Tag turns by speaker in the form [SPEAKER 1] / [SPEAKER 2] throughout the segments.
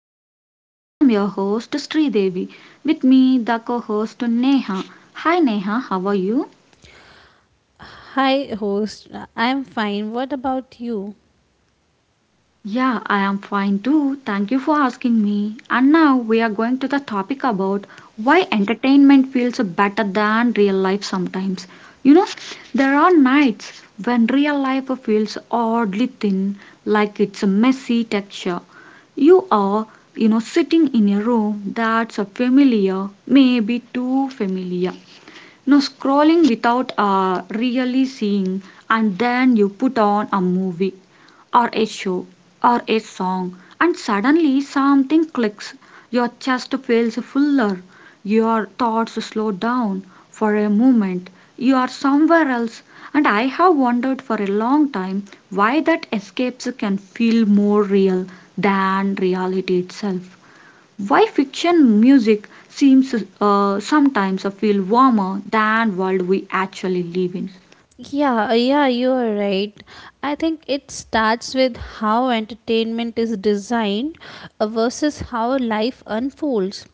[SPEAKER 1] podcast. I am your host Sri Devi. With me the co-host Neha. Hi Neha, how are you?
[SPEAKER 2] Hi, host. I'm fine. What about you?
[SPEAKER 1] Yeah, I am fine too. Thank you for asking me. And now we are going to the topic about why entertainment feels better than real life sometimes. You know, there are nights when real life feels oddly thin, like it's a messy texture. You are, sitting in a room that's a familiar, maybe too familiar no scrolling without really seeing, and then you put on a movie or a show or a song, and suddenly something clicks. Your chest feels fuller, your thoughts slow down for a moment. You are somewhere else, and I have wondered for a long time why that escapes can feel more real than reality itself. Why fiction music seems sometimes a feel warmer than world we actually live in.
[SPEAKER 2] Yeah, yeah, you are right. I think it starts with how entertainment is designed versus how life unfolds.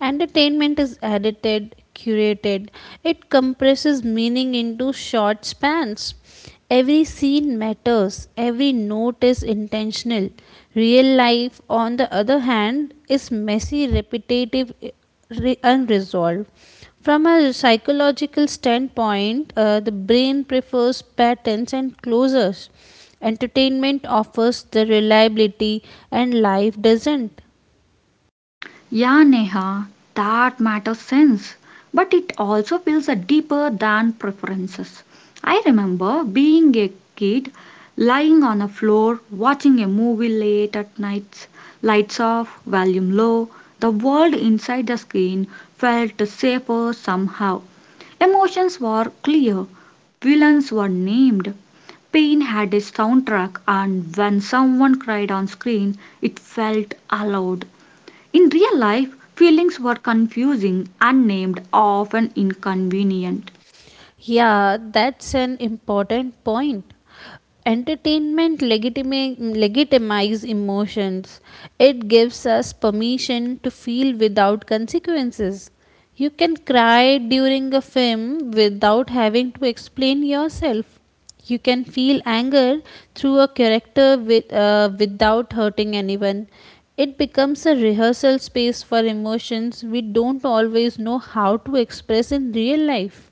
[SPEAKER 2] Entertainment is edited, curated, it compresses meaning into short spans. Every scene matters, every note is intentional. Real life, on the other hand, is messy, repetitive, unresolved. From a psychological standpoint, the brain prefers patterns and closures. Entertainment offers the reliability, and life doesn't.
[SPEAKER 1] Yeah, Neha, that matters sense, but it also feels a deeper than preferences. I remember being a kid, lying on a floor, watching a movie late at night, lights off, volume low. The world inside the screen felt safer somehow. Emotions were clear, villains were named, pain had a soundtrack, and when someone cried on screen, it felt allowed. In real life, feelings were confusing, unnamed, often inconvenient.
[SPEAKER 2] Yeah, that's an important point. Entertainment legitimize emotions. It gives us permission to feel without consequences. You can cry during a film without having to explain yourself. You can feel anger through a character without hurting anyone. It becomes a rehearsal space for emotions we don't always know how to express in real life.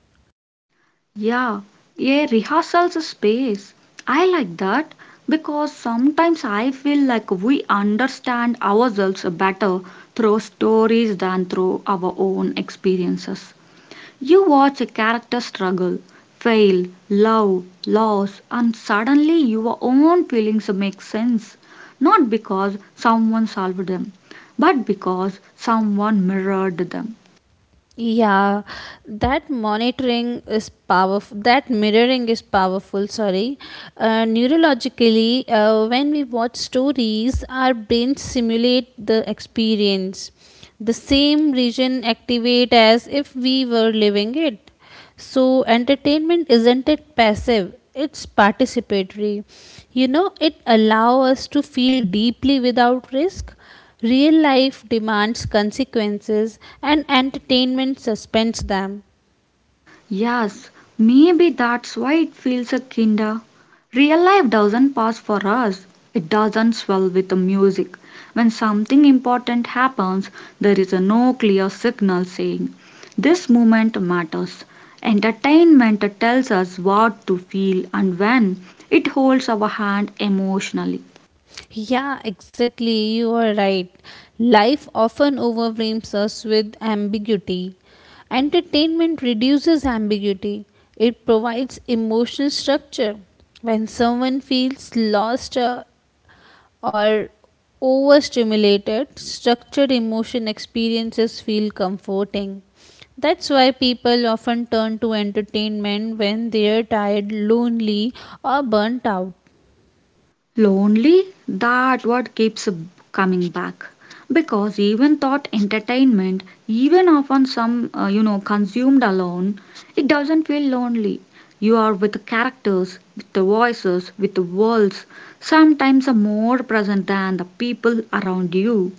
[SPEAKER 1] Yeah, a rehearsals space. I like that because sometimes I feel like we understand ourselves better through stories than through our own experiences. You watch a character struggle, fail, love, loss, and suddenly your own feelings make sense, not because someone solved them, but because someone mirrored them.
[SPEAKER 2] Yeah, that monitoring is powerful. That mirroring is powerful. Sorry, neurologically, when we watch stories, our brains simulate the experience. The same region activate as if we were living it. So, entertainment isn't it passive, it's participatory. You know, it allows us to feel deeply without risk. Real life demands consequences, and entertainment suspends them.
[SPEAKER 1] Yes, maybe that's why it feels a kinda. Real life doesn't pass for us. It doesn't swell with the music. When something important happens, there is a no clear signal saying, "This moment matters." Entertainment tells us what to feel and when. It holds our hand emotionally.
[SPEAKER 2] Yeah, exactly, you are right. Life often overwhelms us with ambiguity. Entertainment reduces ambiguity, it provides emotional structure. When someone feels lost or overstimulated, structured emotion experiences feel comforting. That's why people often turn to entertainment when they are tired, lonely, or burnt out.
[SPEAKER 1] Lonely? That what keeps coming back. Because even thought entertainment, even often some consumed alone, it doesn't feel lonely. You are with the characters, with the voices, with the worlds, sometimes are more present than the people around you.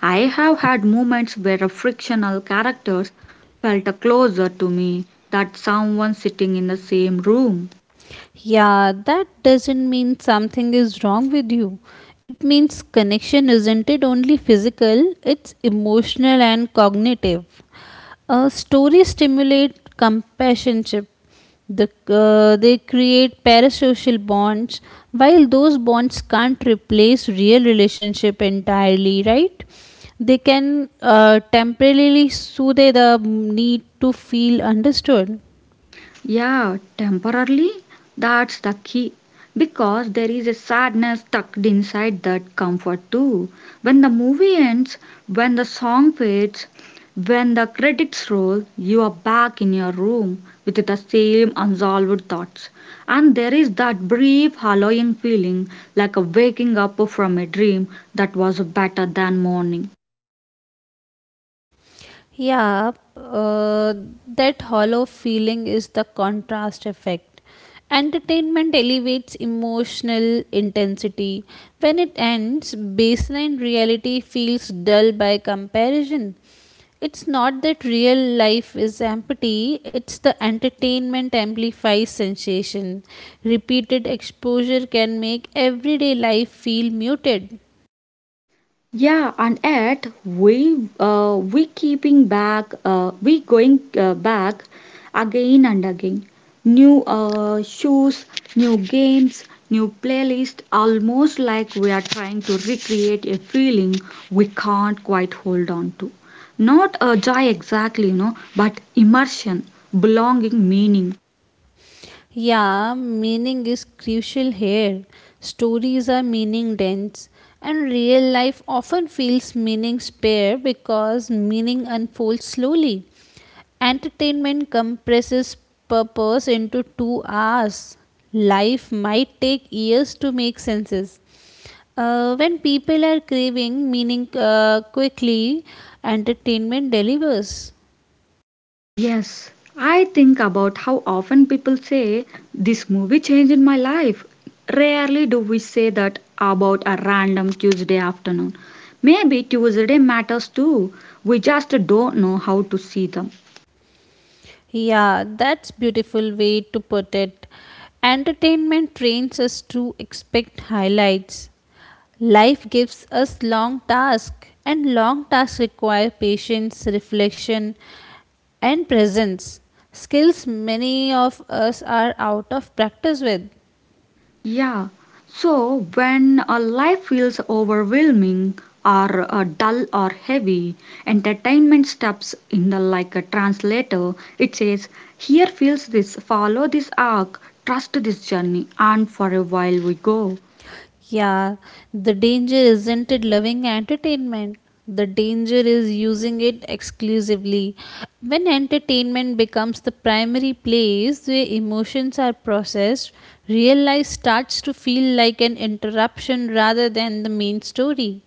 [SPEAKER 1] I have had moments where a fictional characters felt closer to me than someone sitting in the same room.
[SPEAKER 2] Yeah, that doesn't mean something is wrong with you. It means connection isn't it only physical, it's emotional and cognitive. Stories stimulate companionship. The, they create parasocial bonds, while those bonds can't replace real relationship entirely, right? They can temporarily soothe the need to feel understood.
[SPEAKER 1] Yeah, temporarily, that's the key. Because there is a sadness tucked inside that comfort too. When the movie ends, when the song fades, when the credits roll, you are back in your room with the same unsolved thoughts. And there is that brief hollowing feeling like a waking up from a dream that was better than morning.
[SPEAKER 2] Yeah, that hollow feeling is the contrast effect. Entertainment elevates emotional intensity. When it ends, baseline reality feels dull by comparison. It's not that real life is empty, it's the entertainment amplifies sensation. Repeated exposure can make everyday life feel muted.
[SPEAKER 1] Yeah, and yet we keeping back, we going back again and again. New shoes, new games, new playlist, almost like we are trying to recreate a feeling we can't quite hold on to. Not a joy exactly, but immersion, belonging, meaning.
[SPEAKER 2] Yeah, meaning is crucial here. Stories are meaning dense, and real life often feels meaning spare because meaning unfolds slowly. Entertainment compresses purpose into 2 hours. Life might take years to make senses. When people are craving meaning quickly, entertainment delivers.
[SPEAKER 1] Yes, I think about how often people say, "This movie changed my life." Rarely do we say that about a random Tuesday afternoon. Maybe Tuesday matters too. We just don't know how to see them.
[SPEAKER 2] Yeah, that's beautiful way to put it. Entertainment trains us to expect highlights. Life gives us long tasks, and long tasks require patience, reflection, and presence. Skills many of us are out of practice with.
[SPEAKER 1] Yeah. So when a life feels overwhelming or dull or heavy, entertainment steps in the like a translator. It says, "Here feels this. Follow this arc. Trust this journey, and for a while we go."
[SPEAKER 2] Yeah, the danger isn't it loving entertainment. The danger is using it exclusively. When entertainment becomes the primary place where emotions are processed, real life starts to feel like an interruption rather than the main story.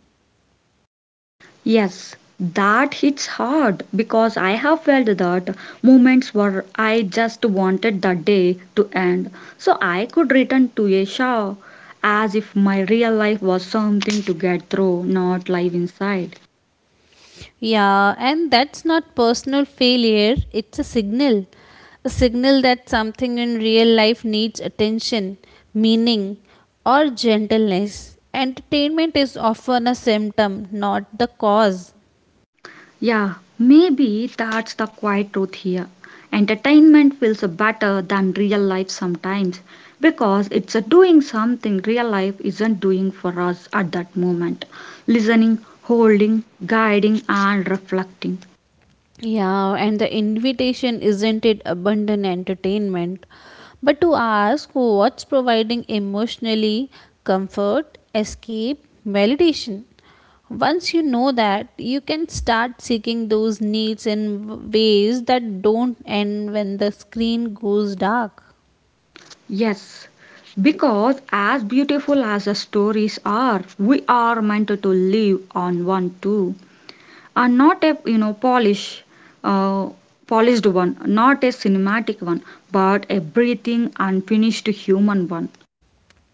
[SPEAKER 1] Yes, that hits hard because I have felt that moments where I just wanted the day to end so I could return to a show as if my real life was something to get through, not live inside.
[SPEAKER 2] Yeah, and that's not personal failure, it's a signal. A signal that something in real life needs attention, meaning, or gentleness. Entertainment is often a symptom, not the cause.
[SPEAKER 1] Yeah, maybe that's the quiet truth here. Entertainment feels better than real life sometimes because it's doing something real life isn't doing for us at that moment. Listening, holding, guiding, and reflecting.
[SPEAKER 2] Yeah, and the invitation isn't it abundant entertainment, but to ask what's providing emotionally comfort, escape, validation. Once you know that, you can start seeking those needs in ways that don't end when the screen goes dark.
[SPEAKER 1] Yes, because as beautiful as the stories are, we are meant to live on one too. Are not a polish uh, polished one, not a cinematic one, but a breathing unfinished human one.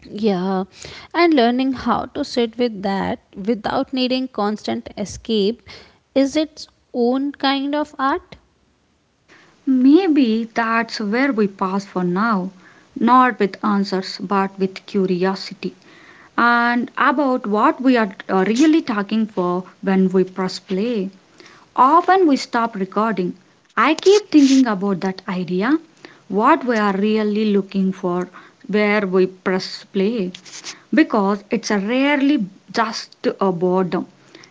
[SPEAKER 2] Yeah, and learning how to sit with that without needing constant escape is its own kind of art.
[SPEAKER 1] Maybe that's where we pause for now, not with answers but with curiosity, and about what we are really talking for when we press play. Often we stop recording. I keep thinking about that idea, what we are really looking for where we press play, because it's a rarely just a boredom.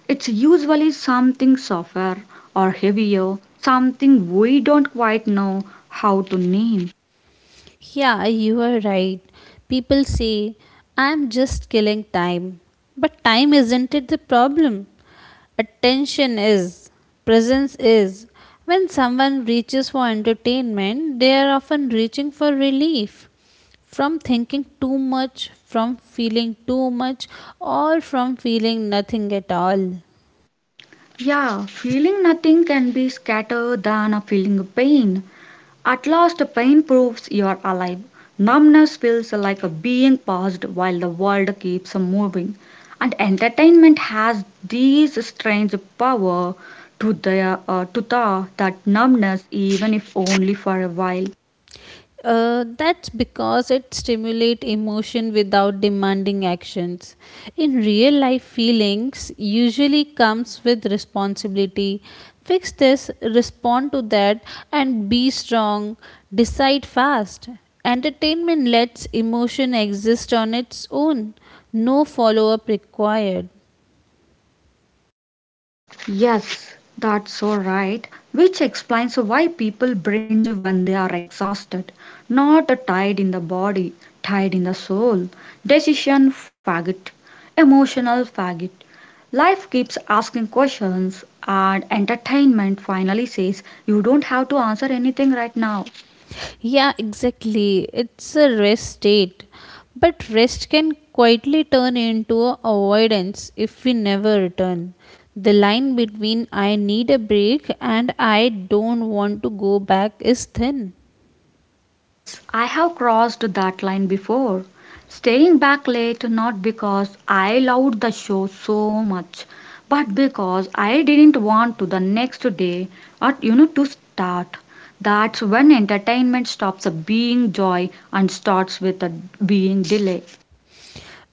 [SPEAKER 1] It's usually something softer or heavier, something we don't quite know how to name.
[SPEAKER 2] Yeah, you are right. People say, I'm just killing time. But time isn't it the problem? Attention is, presence is. When someone reaches for entertainment, they are often reaching for relief from thinking too much, from feeling too much, or from feeling nothing at all.
[SPEAKER 1] Yeah, feeling nothing can be scattered than a feeling of pain. At last pain proves you're alive. Numbness feels like a being paused while the world keeps moving. And entertainment has this strange power to the that numbness even if only for a while.
[SPEAKER 2] That's because it stimulates emotion without demanding actions. In real life, feelings usually comes with responsibility. Fix this, respond to that, and be strong. Decide fast. Entertainment lets emotion exist on its own. No follow up required.
[SPEAKER 1] Yes, that's so right, which explains why people binge when they are exhausted, not tired in the body, tired in the soul. Decision faggot, emotional faggot. Life keeps asking questions, and entertainment finally says you don't have to answer anything right now.
[SPEAKER 2] Yeah, exactly. It's a rest state. But rest can quietly turn into a avoidance if we never return. The line between I need a break and I don't want to go back is thin.
[SPEAKER 1] Yes, I have crossed that line before. Staying back late not because I loved the show so much, but because I didn't want to the next day at to start. That's when entertainment stops being joy and starts with a being delay.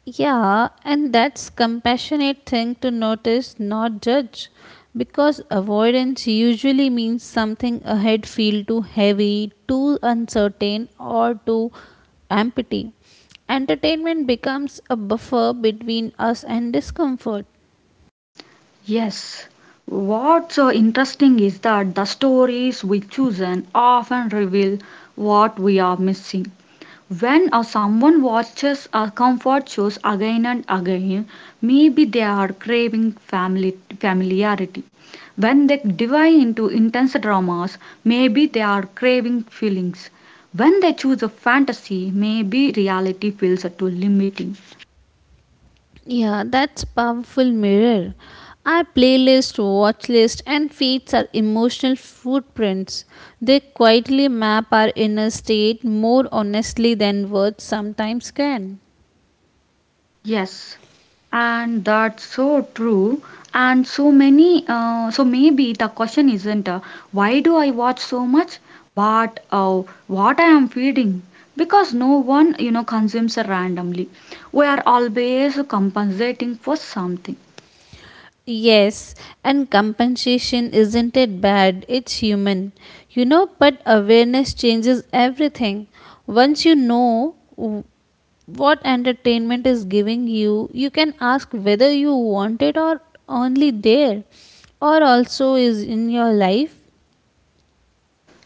[SPEAKER 2] Yeah, and that's compassionate thing to notice, not judge, because avoidance usually means something ahead feel too heavy, too uncertain, or too empty. Entertainment becomes a buffer between us and discomfort.
[SPEAKER 1] Yes. What's so interesting is that the stories we choose often reveal what we are missing. When someone watches comfort shows again and again, maybe they are craving family familiarity. When they dive into intense dramas, maybe they are craving feelings. When they choose a fantasy, maybe reality feels too limiting.
[SPEAKER 2] Yeah, that's powerful mirror. Our playlist, watch list, and feeds are emotional footprints. They quietly map our inner state more honestly than words sometimes can.
[SPEAKER 1] Yes, and that's so true. And so many, so maybe the question isn't why do I watch so much, but what I am feeding. Because no one, consumes randomly. We are always compensating for something.
[SPEAKER 2] Yes, and compensation isn't it bad? It's human, you know. But awareness changes everything. Once you know what entertainment is giving you, you can ask whether you want it or only there, or also is in your life.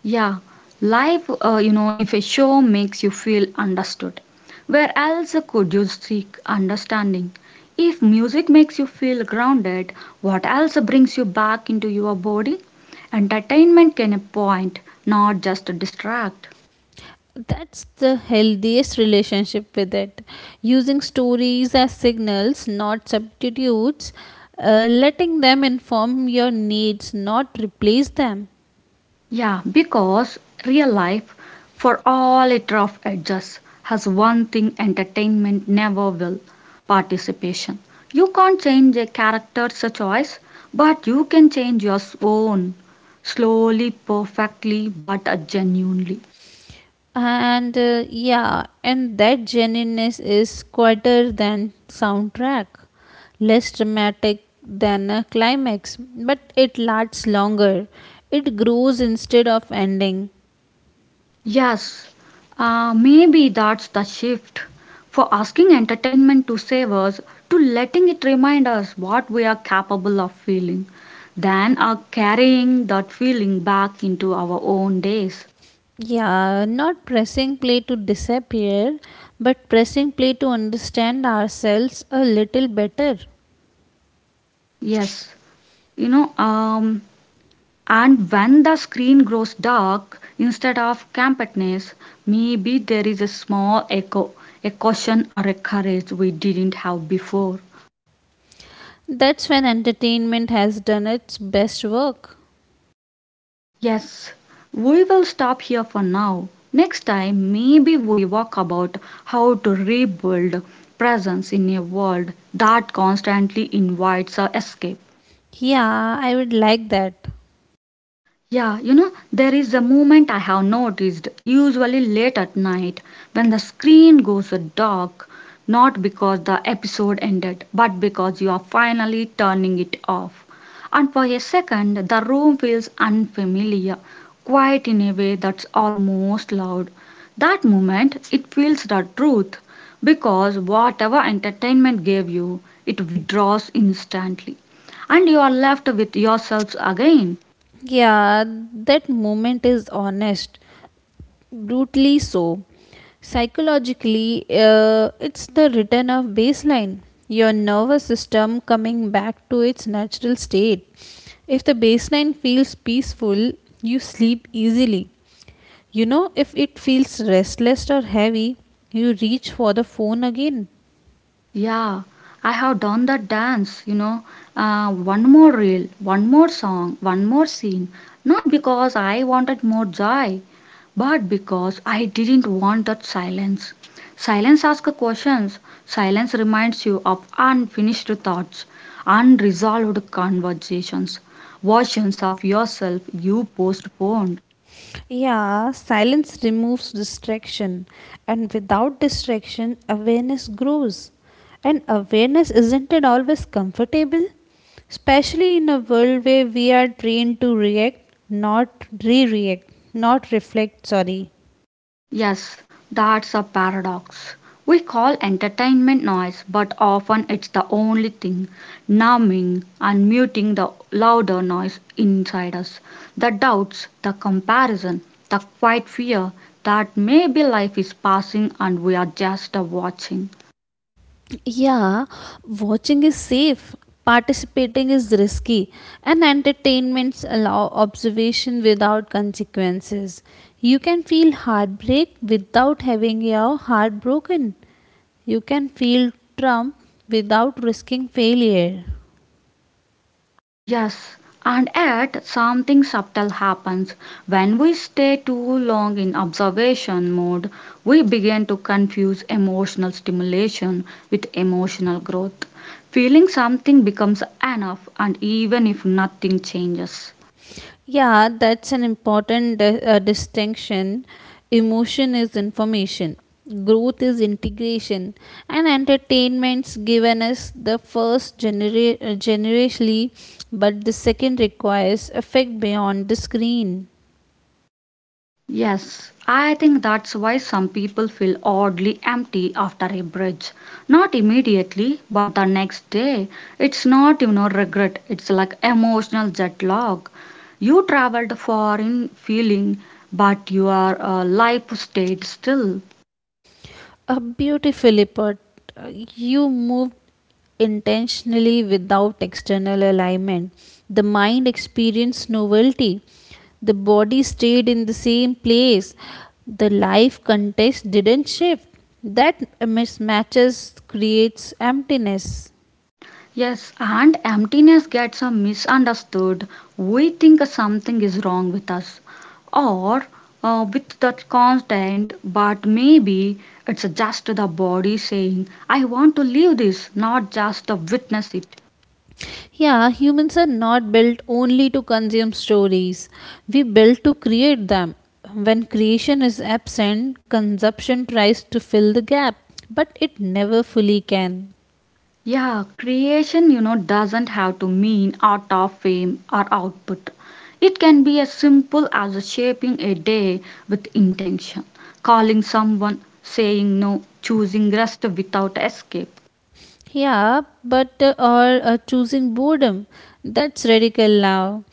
[SPEAKER 1] Yeah, life, if a show makes you feel understood, where else could you seek understanding? If music makes you feel grounded, what else brings you back into your body? Entertainment can point, not just distract.
[SPEAKER 2] That's the healthiest relationship with it. Using stories as signals, not substitutes, letting them inform your needs, not replace them.
[SPEAKER 1] Yeah, because real life, for all its rough edges, has one thing entertainment never will participation. You can't change a character's choice, but you can change your own. Slowly, perfectly, but genuinely.
[SPEAKER 2] And that genuineness is quieter than soundtrack, less dramatic than a climax, but it lasts longer. It grows instead of ending.
[SPEAKER 1] Yes, maybe that's the shift for asking entertainment to save us to letting it remind us what we are capable of feeling, then are carrying that feeling back into our own days.
[SPEAKER 2] Yeah, not pressing play to disappear, but pressing play to understand ourselves a little better.
[SPEAKER 1] Yes, you know, um, and when the screen grows dark instead of campness, maybe there is a small echo, a caution or a courage we didn't have before.
[SPEAKER 2] That's when entertainment has done its best work.
[SPEAKER 1] Yes, we will stop here for now. Next time, maybe we walk about how to rebuild presence in a world that constantly invites a escape.
[SPEAKER 2] Yeah, I would like that.
[SPEAKER 1] Yeah, there is a movement I have noticed, usually late at night, when the screen goes dark, not because the episode ended, but because you are finally turning it off. And for a second, the room feels unfamiliar, quiet in a way that's almost loud. That moment, it feels the truth, because whatever entertainment gave you, it withdraws instantly and you are left with yourselves again.
[SPEAKER 2] Yeah, that moment is honest. Brutally so. Psychologically, it's the return of baseline, your nervous system coming back to its natural state. If the baseline feels peaceful, you sleep easily. You know, if it feels restless or heavy, you reach for the phone again.
[SPEAKER 1] Yeah, I have done that dance. One more reel, one more song, one more scene. Not because I wanted more joy, but because I didn't want that silence. Silence asks questions, silence reminds you of unfinished thoughts, unresolved conversations, versions of yourself you postponed.
[SPEAKER 2] Yeah, silence removes distraction, and without distraction, awareness grows. And awareness isn't it always comfortable? Especially in a world where we are trained to react, not re react, not reflect, sorry.
[SPEAKER 1] Yes, that's a paradox. We call entertainment noise, but often it's the only thing numbing and muting the louder noise inside us. The doubts, the comparison, the quiet fear that maybe life is passing and we are just watching.
[SPEAKER 2] Yeah, watching is safe, participating is risky, and entertainments allow observation without consequences. You can feel heartbreak without having your heart broken. You can feel trauma without risking failure.
[SPEAKER 1] Yes, and yet something subtle happens. When we stay too long in observation mode, we begin to confuse emotional stimulation with emotional growth. Feeling something becomes enough, and even if nothing changes.
[SPEAKER 2] Yeah, that's an important distinction. Emotion is information, growth is integration, and entertainment's given us the first generationally, but the second requires effect beyond the screen.
[SPEAKER 1] Yes, I think that's why some people feel oddly empty after a bridge. Not immediately, but the next day. It's not regret. It's like emotional jet lag. You traveled far in feeling, but your life stayed still.
[SPEAKER 2] Beautifully put. Uh, You moved intentionally without external alignment. The mind experienced novelty. The body stayed in the same place. The life context didn't shift. That mismatches creates emptiness.
[SPEAKER 1] Yes, and emptiness gets a misunderstood. We think something is wrong with us or with that constant, but maybe it's just the body saying, I want to leave this, not just to witness it.
[SPEAKER 2] Yeah, humans are not built only to consume stories. We built to create them. When creation is absent, consumption tries to fill the gap, but it never fully can.
[SPEAKER 1] Yeah, creation doesn't have to mean art of fame or output. It can be as simple as shaping a day with intention, calling someone, saying no, choosing rest without escape.
[SPEAKER 2] Yeah, but or Choosing boredom. That's radical now.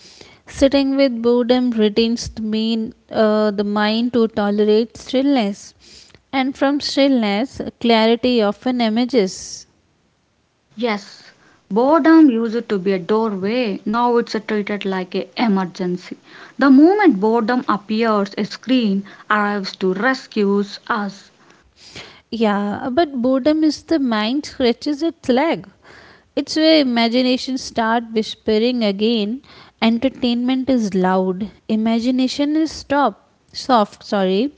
[SPEAKER 2] Sitting with boredom retains the mind to tolerate stillness, and from stillness, clarity often emerges.
[SPEAKER 1] Yes, boredom used to be a doorway, now it's treated like an emergency. The moment boredom appears, a screen arrives to rescue us.
[SPEAKER 2] Yeah, but boredom is the mind stretches its leg. It's where imagination start whispering again. Entertainment is loud. Imagination is stop. Soft, sorry.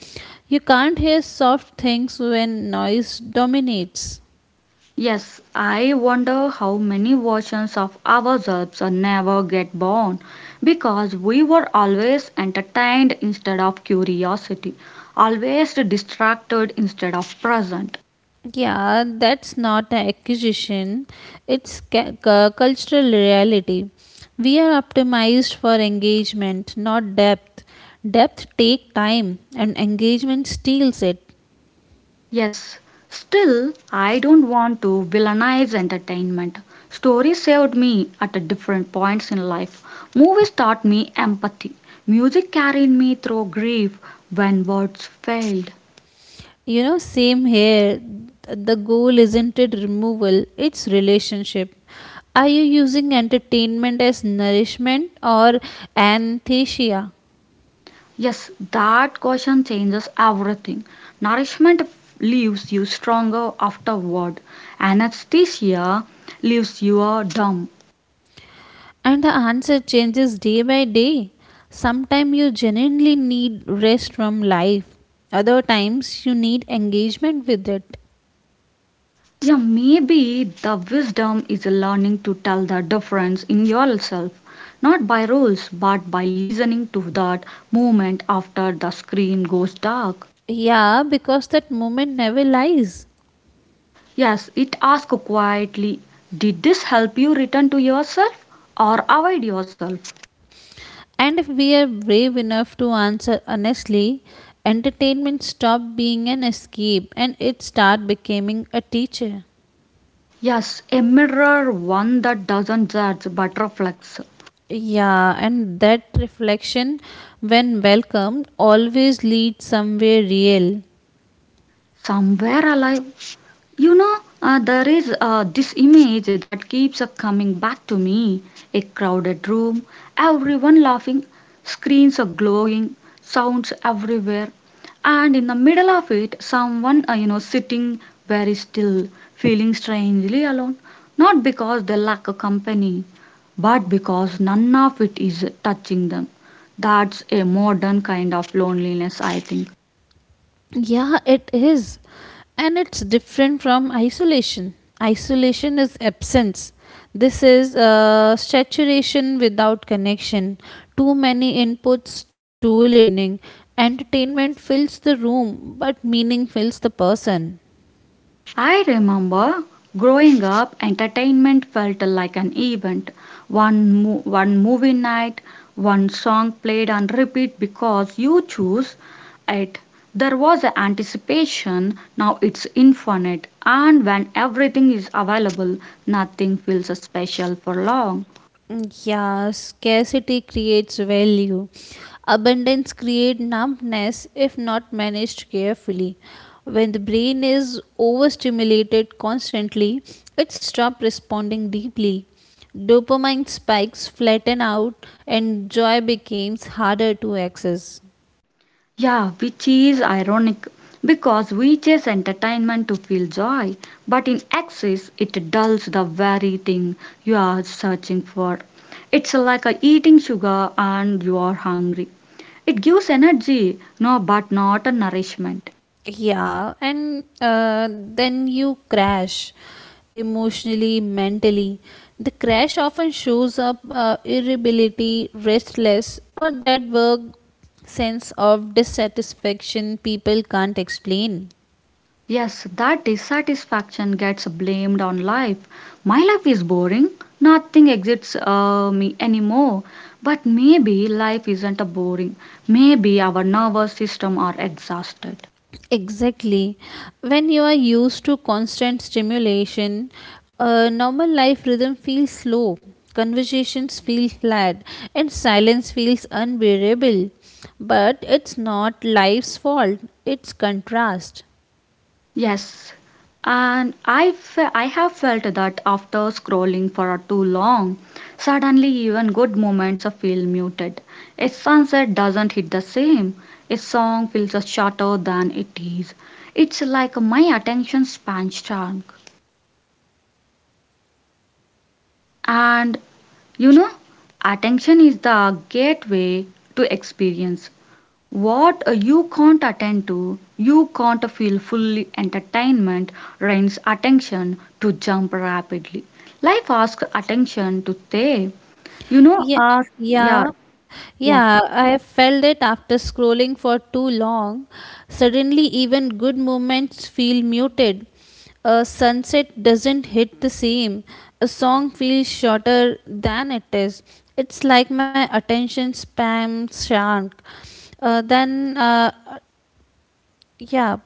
[SPEAKER 2] You can't hear soft things when noise dominates.
[SPEAKER 1] Yes, I wonder how many versions of ourselves are never get born because we were always entertained instead of curiosity, always distracted instead of present.
[SPEAKER 2] Yeah, that's not an accusation. It's cultural reality. We are optimized for engagement, not depth. Depth take time and engagement steals it.
[SPEAKER 1] Yes, still, I don't want to villainize entertainment. Stories saved me at different points in life. Movies taught me empathy. Music carried me through grief when words failed.
[SPEAKER 2] You know, same here. Th- The goal isn't it removal, it's relationship. Are you using entertainment as nourishment or anthesia?
[SPEAKER 1] Yes, that question changes everything. Nourishment leaves you stronger afterward. Anesthesia leaves you dumb.
[SPEAKER 2] And the answer changes day by day. Sometimes you genuinely need rest from life, other times you need engagement with it.
[SPEAKER 1] Yeah, maybe the wisdom is learning to tell the difference in yourself, not by rules, but by listening to that movement after the screen goes dark.
[SPEAKER 2] Yeah, because that moment never lies.
[SPEAKER 1] Yes, it asks quietly. Did this help you return to yourself or avoid yourself?
[SPEAKER 2] And if we are brave enough to answer honestly, entertainment stopped being an escape and it started becoming a teacher.
[SPEAKER 1] Yes, a mirror, one that doesn't judge but reflects.
[SPEAKER 2] Yeah, and that reflection, when welcomed, always leads somewhere real.
[SPEAKER 1] Somewhere alive. There is this image that keeps up coming back to me. A crowded room, everyone laughing, screens are glowing, sounds everywhere, and in the middle of it, someone, sitting very still, feeling strangely alone. Not because they lack a company, but because none of it is touching them. That's a modern kind of loneliness, I think.
[SPEAKER 2] Yeah, it is. And it's different from isolation. Isolation is absence. This is saturation without connection. Too many inputs, too little meaning. Entertainment fills the room, but meaning fills the person.
[SPEAKER 1] I remember growing up, entertainment felt like an event. One movie night, one song played on repeat because you choose it. There was a anticipation, now it's infinite, and when everything is available, nothing feels special for long.
[SPEAKER 2] Yeah, scarcity creates value. Abundance creates numbness if not managed carefully. When the brain is overstimulated constantly, it stops responding deeply. Dopamine spikes flatten out and joy becomes harder to access.
[SPEAKER 1] Yeah, which is ironic because we chase entertainment to feel joy, but in excess it dulls the very thing you are searching for. It's like a eating sugar and you are hungry. It gives energy, no, but not a nourishment.
[SPEAKER 2] Yeah, and Then you crash emotionally, mentally. The crash often shows up irritability, restless, or that work sense of dissatisfaction people can't explain.
[SPEAKER 1] Yes, that dissatisfaction gets blamed on life. My life is boring. Nothing excites me anymore. But maybe life isn't boring. Maybe our nervous system are exhausted.
[SPEAKER 2] Exactly. When you are used to constant stimulation, a normal life rhythm feels slow, conversations feel flat, and silence feels unbearable. But it's not life's fault, it's contrast.
[SPEAKER 1] Yes, and I have felt that after scrolling for too long, suddenly even good moments feel muted. A sunset doesn't hit the same. A song feels shorter than it is. It's like my attention span shrunk. And you know, attention is the gateway to experience. What you can't attend to, you can't feel fully entertainment drains attention to jump rapidly. Life asks attention to stay. You know,
[SPEAKER 2] Yeah,
[SPEAKER 1] uh, yeah,
[SPEAKER 2] yeah,
[SPEAKER 1] yeah,
[SPEAKER 2] yeah. I felt it after scrolling for too long. Suddenly, even good moments feel muted. A sunset doesn't hit the same. A song feels shorter than it is. It's like my attention span shrunk. Uh, then, uh, yeah,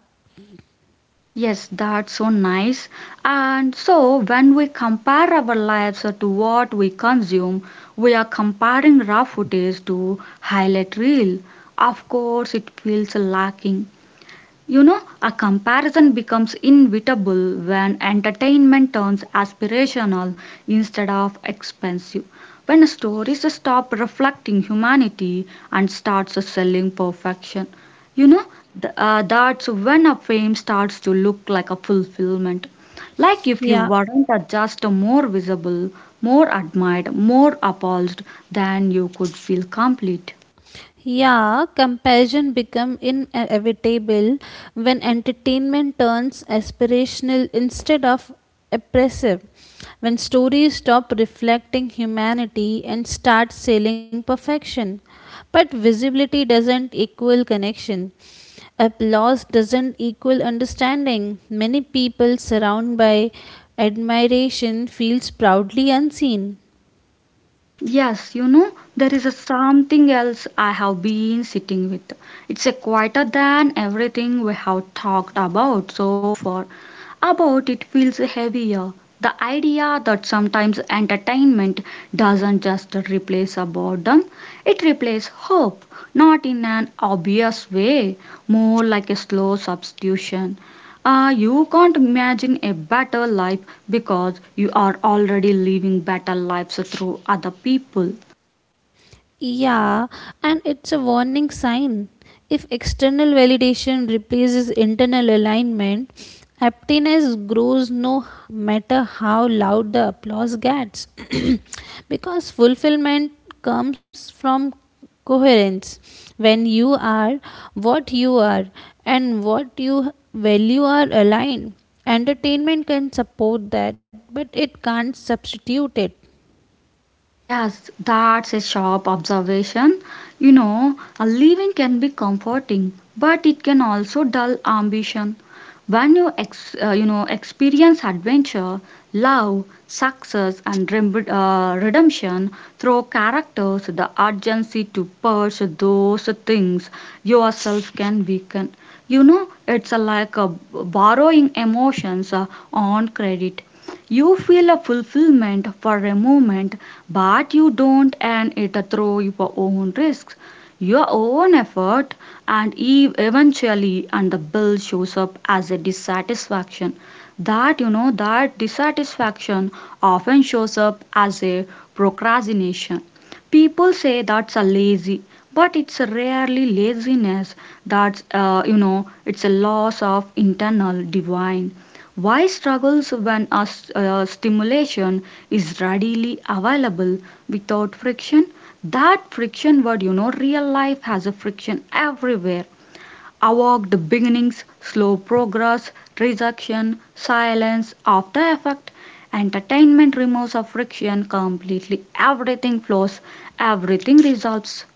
[SPEAKER 1] yes, that's so nice. And so when we compare our lives to what we consume, we are comparing raw footage to highlight reel. Of course, it feels lacking. A comparison becomes inevitable when entertainment turns aspirational instead of expensive. When stories stop reflecting humanity and starts selling perfection, you know, that's when a fame starts to look like a fulfillment. Like if you
[SPEAKER 2] yeah.
[SPEAKER 1] weren't just more visible, more admired, more appalled, then you could feel complete.
[SPEAKER 2] Yeah, comparison become inevitable when entertainment turns aspirational instead of oppressive. When stories stop reflecting humanity and start selling perfection. But visibility doesn't equal connection. Applause doesn't equal understanding. Many people surrounded by admiration feels proudly unseen.
[SPEAKER 1] Yes, there is a something else I have been sitting with. It's a quieter than everything we have talked about so far. About it feels heavier. The idea that sometimes entertainment doesn't just replace a boredom, it replaces hope, not in an obvious way, more like a slow substitution. You can't imagine a better life because you are already living better lives through other people.
[SPEAKER 2] Yeah, and it's a warning sign. If external validation replaces internal alignment, aptness grows no matter how loud the applause gets. Because fulfillment comes from coherence. When you are what you are and what you value are aligned, entertainment can support that, but it can't substitute it.
[SPEAKER 1] Yes, that's a sharp observation. You know, a living can be comforting, but it can also dull ambition. When you ex, you know experience adventure, love, success, and redemption through characters, the urgency to pursue those things yourself can weaken. You know, it's like borrowing emotions on credit. You feel a fulfillment for a moment, but you don't and it through your own risks, your own effort, and eventually, and the bill shows up as a dissatisfaction. That dissatisfaction often shows up as a procrastination. People say that's a lazy, but it's rarely laziness. It's a loss of internal divine. Why struggles when stimulation is readily available without friction? That friction word, you know, real life has a friction everywhere. Awkward beginnings, slow progress, rejection, silence, after effect. Entertainment removes a friction completely. Everything flows, everything resolves.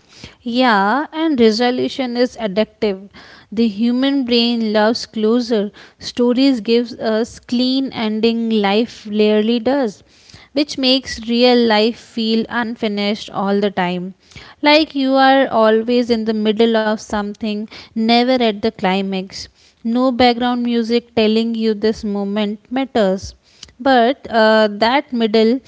[SPEAKER 2] Yeah, and resolution is addictive. The human brain loves closure. Stories gives us clean ending life rarely does, which makes real life feel unfinished all the time. Like you are always in the middle of something, never at the climax. No background music telling you this moment matters. But That middle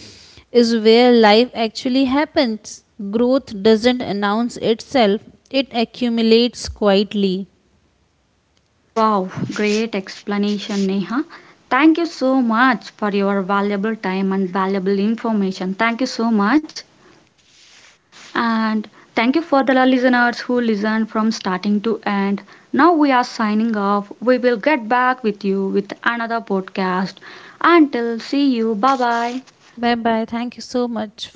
[SPEAKER 2] is where life actually happens. Growth doesn't announce itself, it accumulates quietly.
[SPEAKER 1] Wow, great explanation, Neha. Thank you so much for your valuable time and valuable information. Thank you so much. And thank you for the listeners who listened from starting to end. Now we are signing off. We will get back with you with another podcast. Until see you. Bye bye.
[SPEAKER 2] Bye bye. Thank you so much.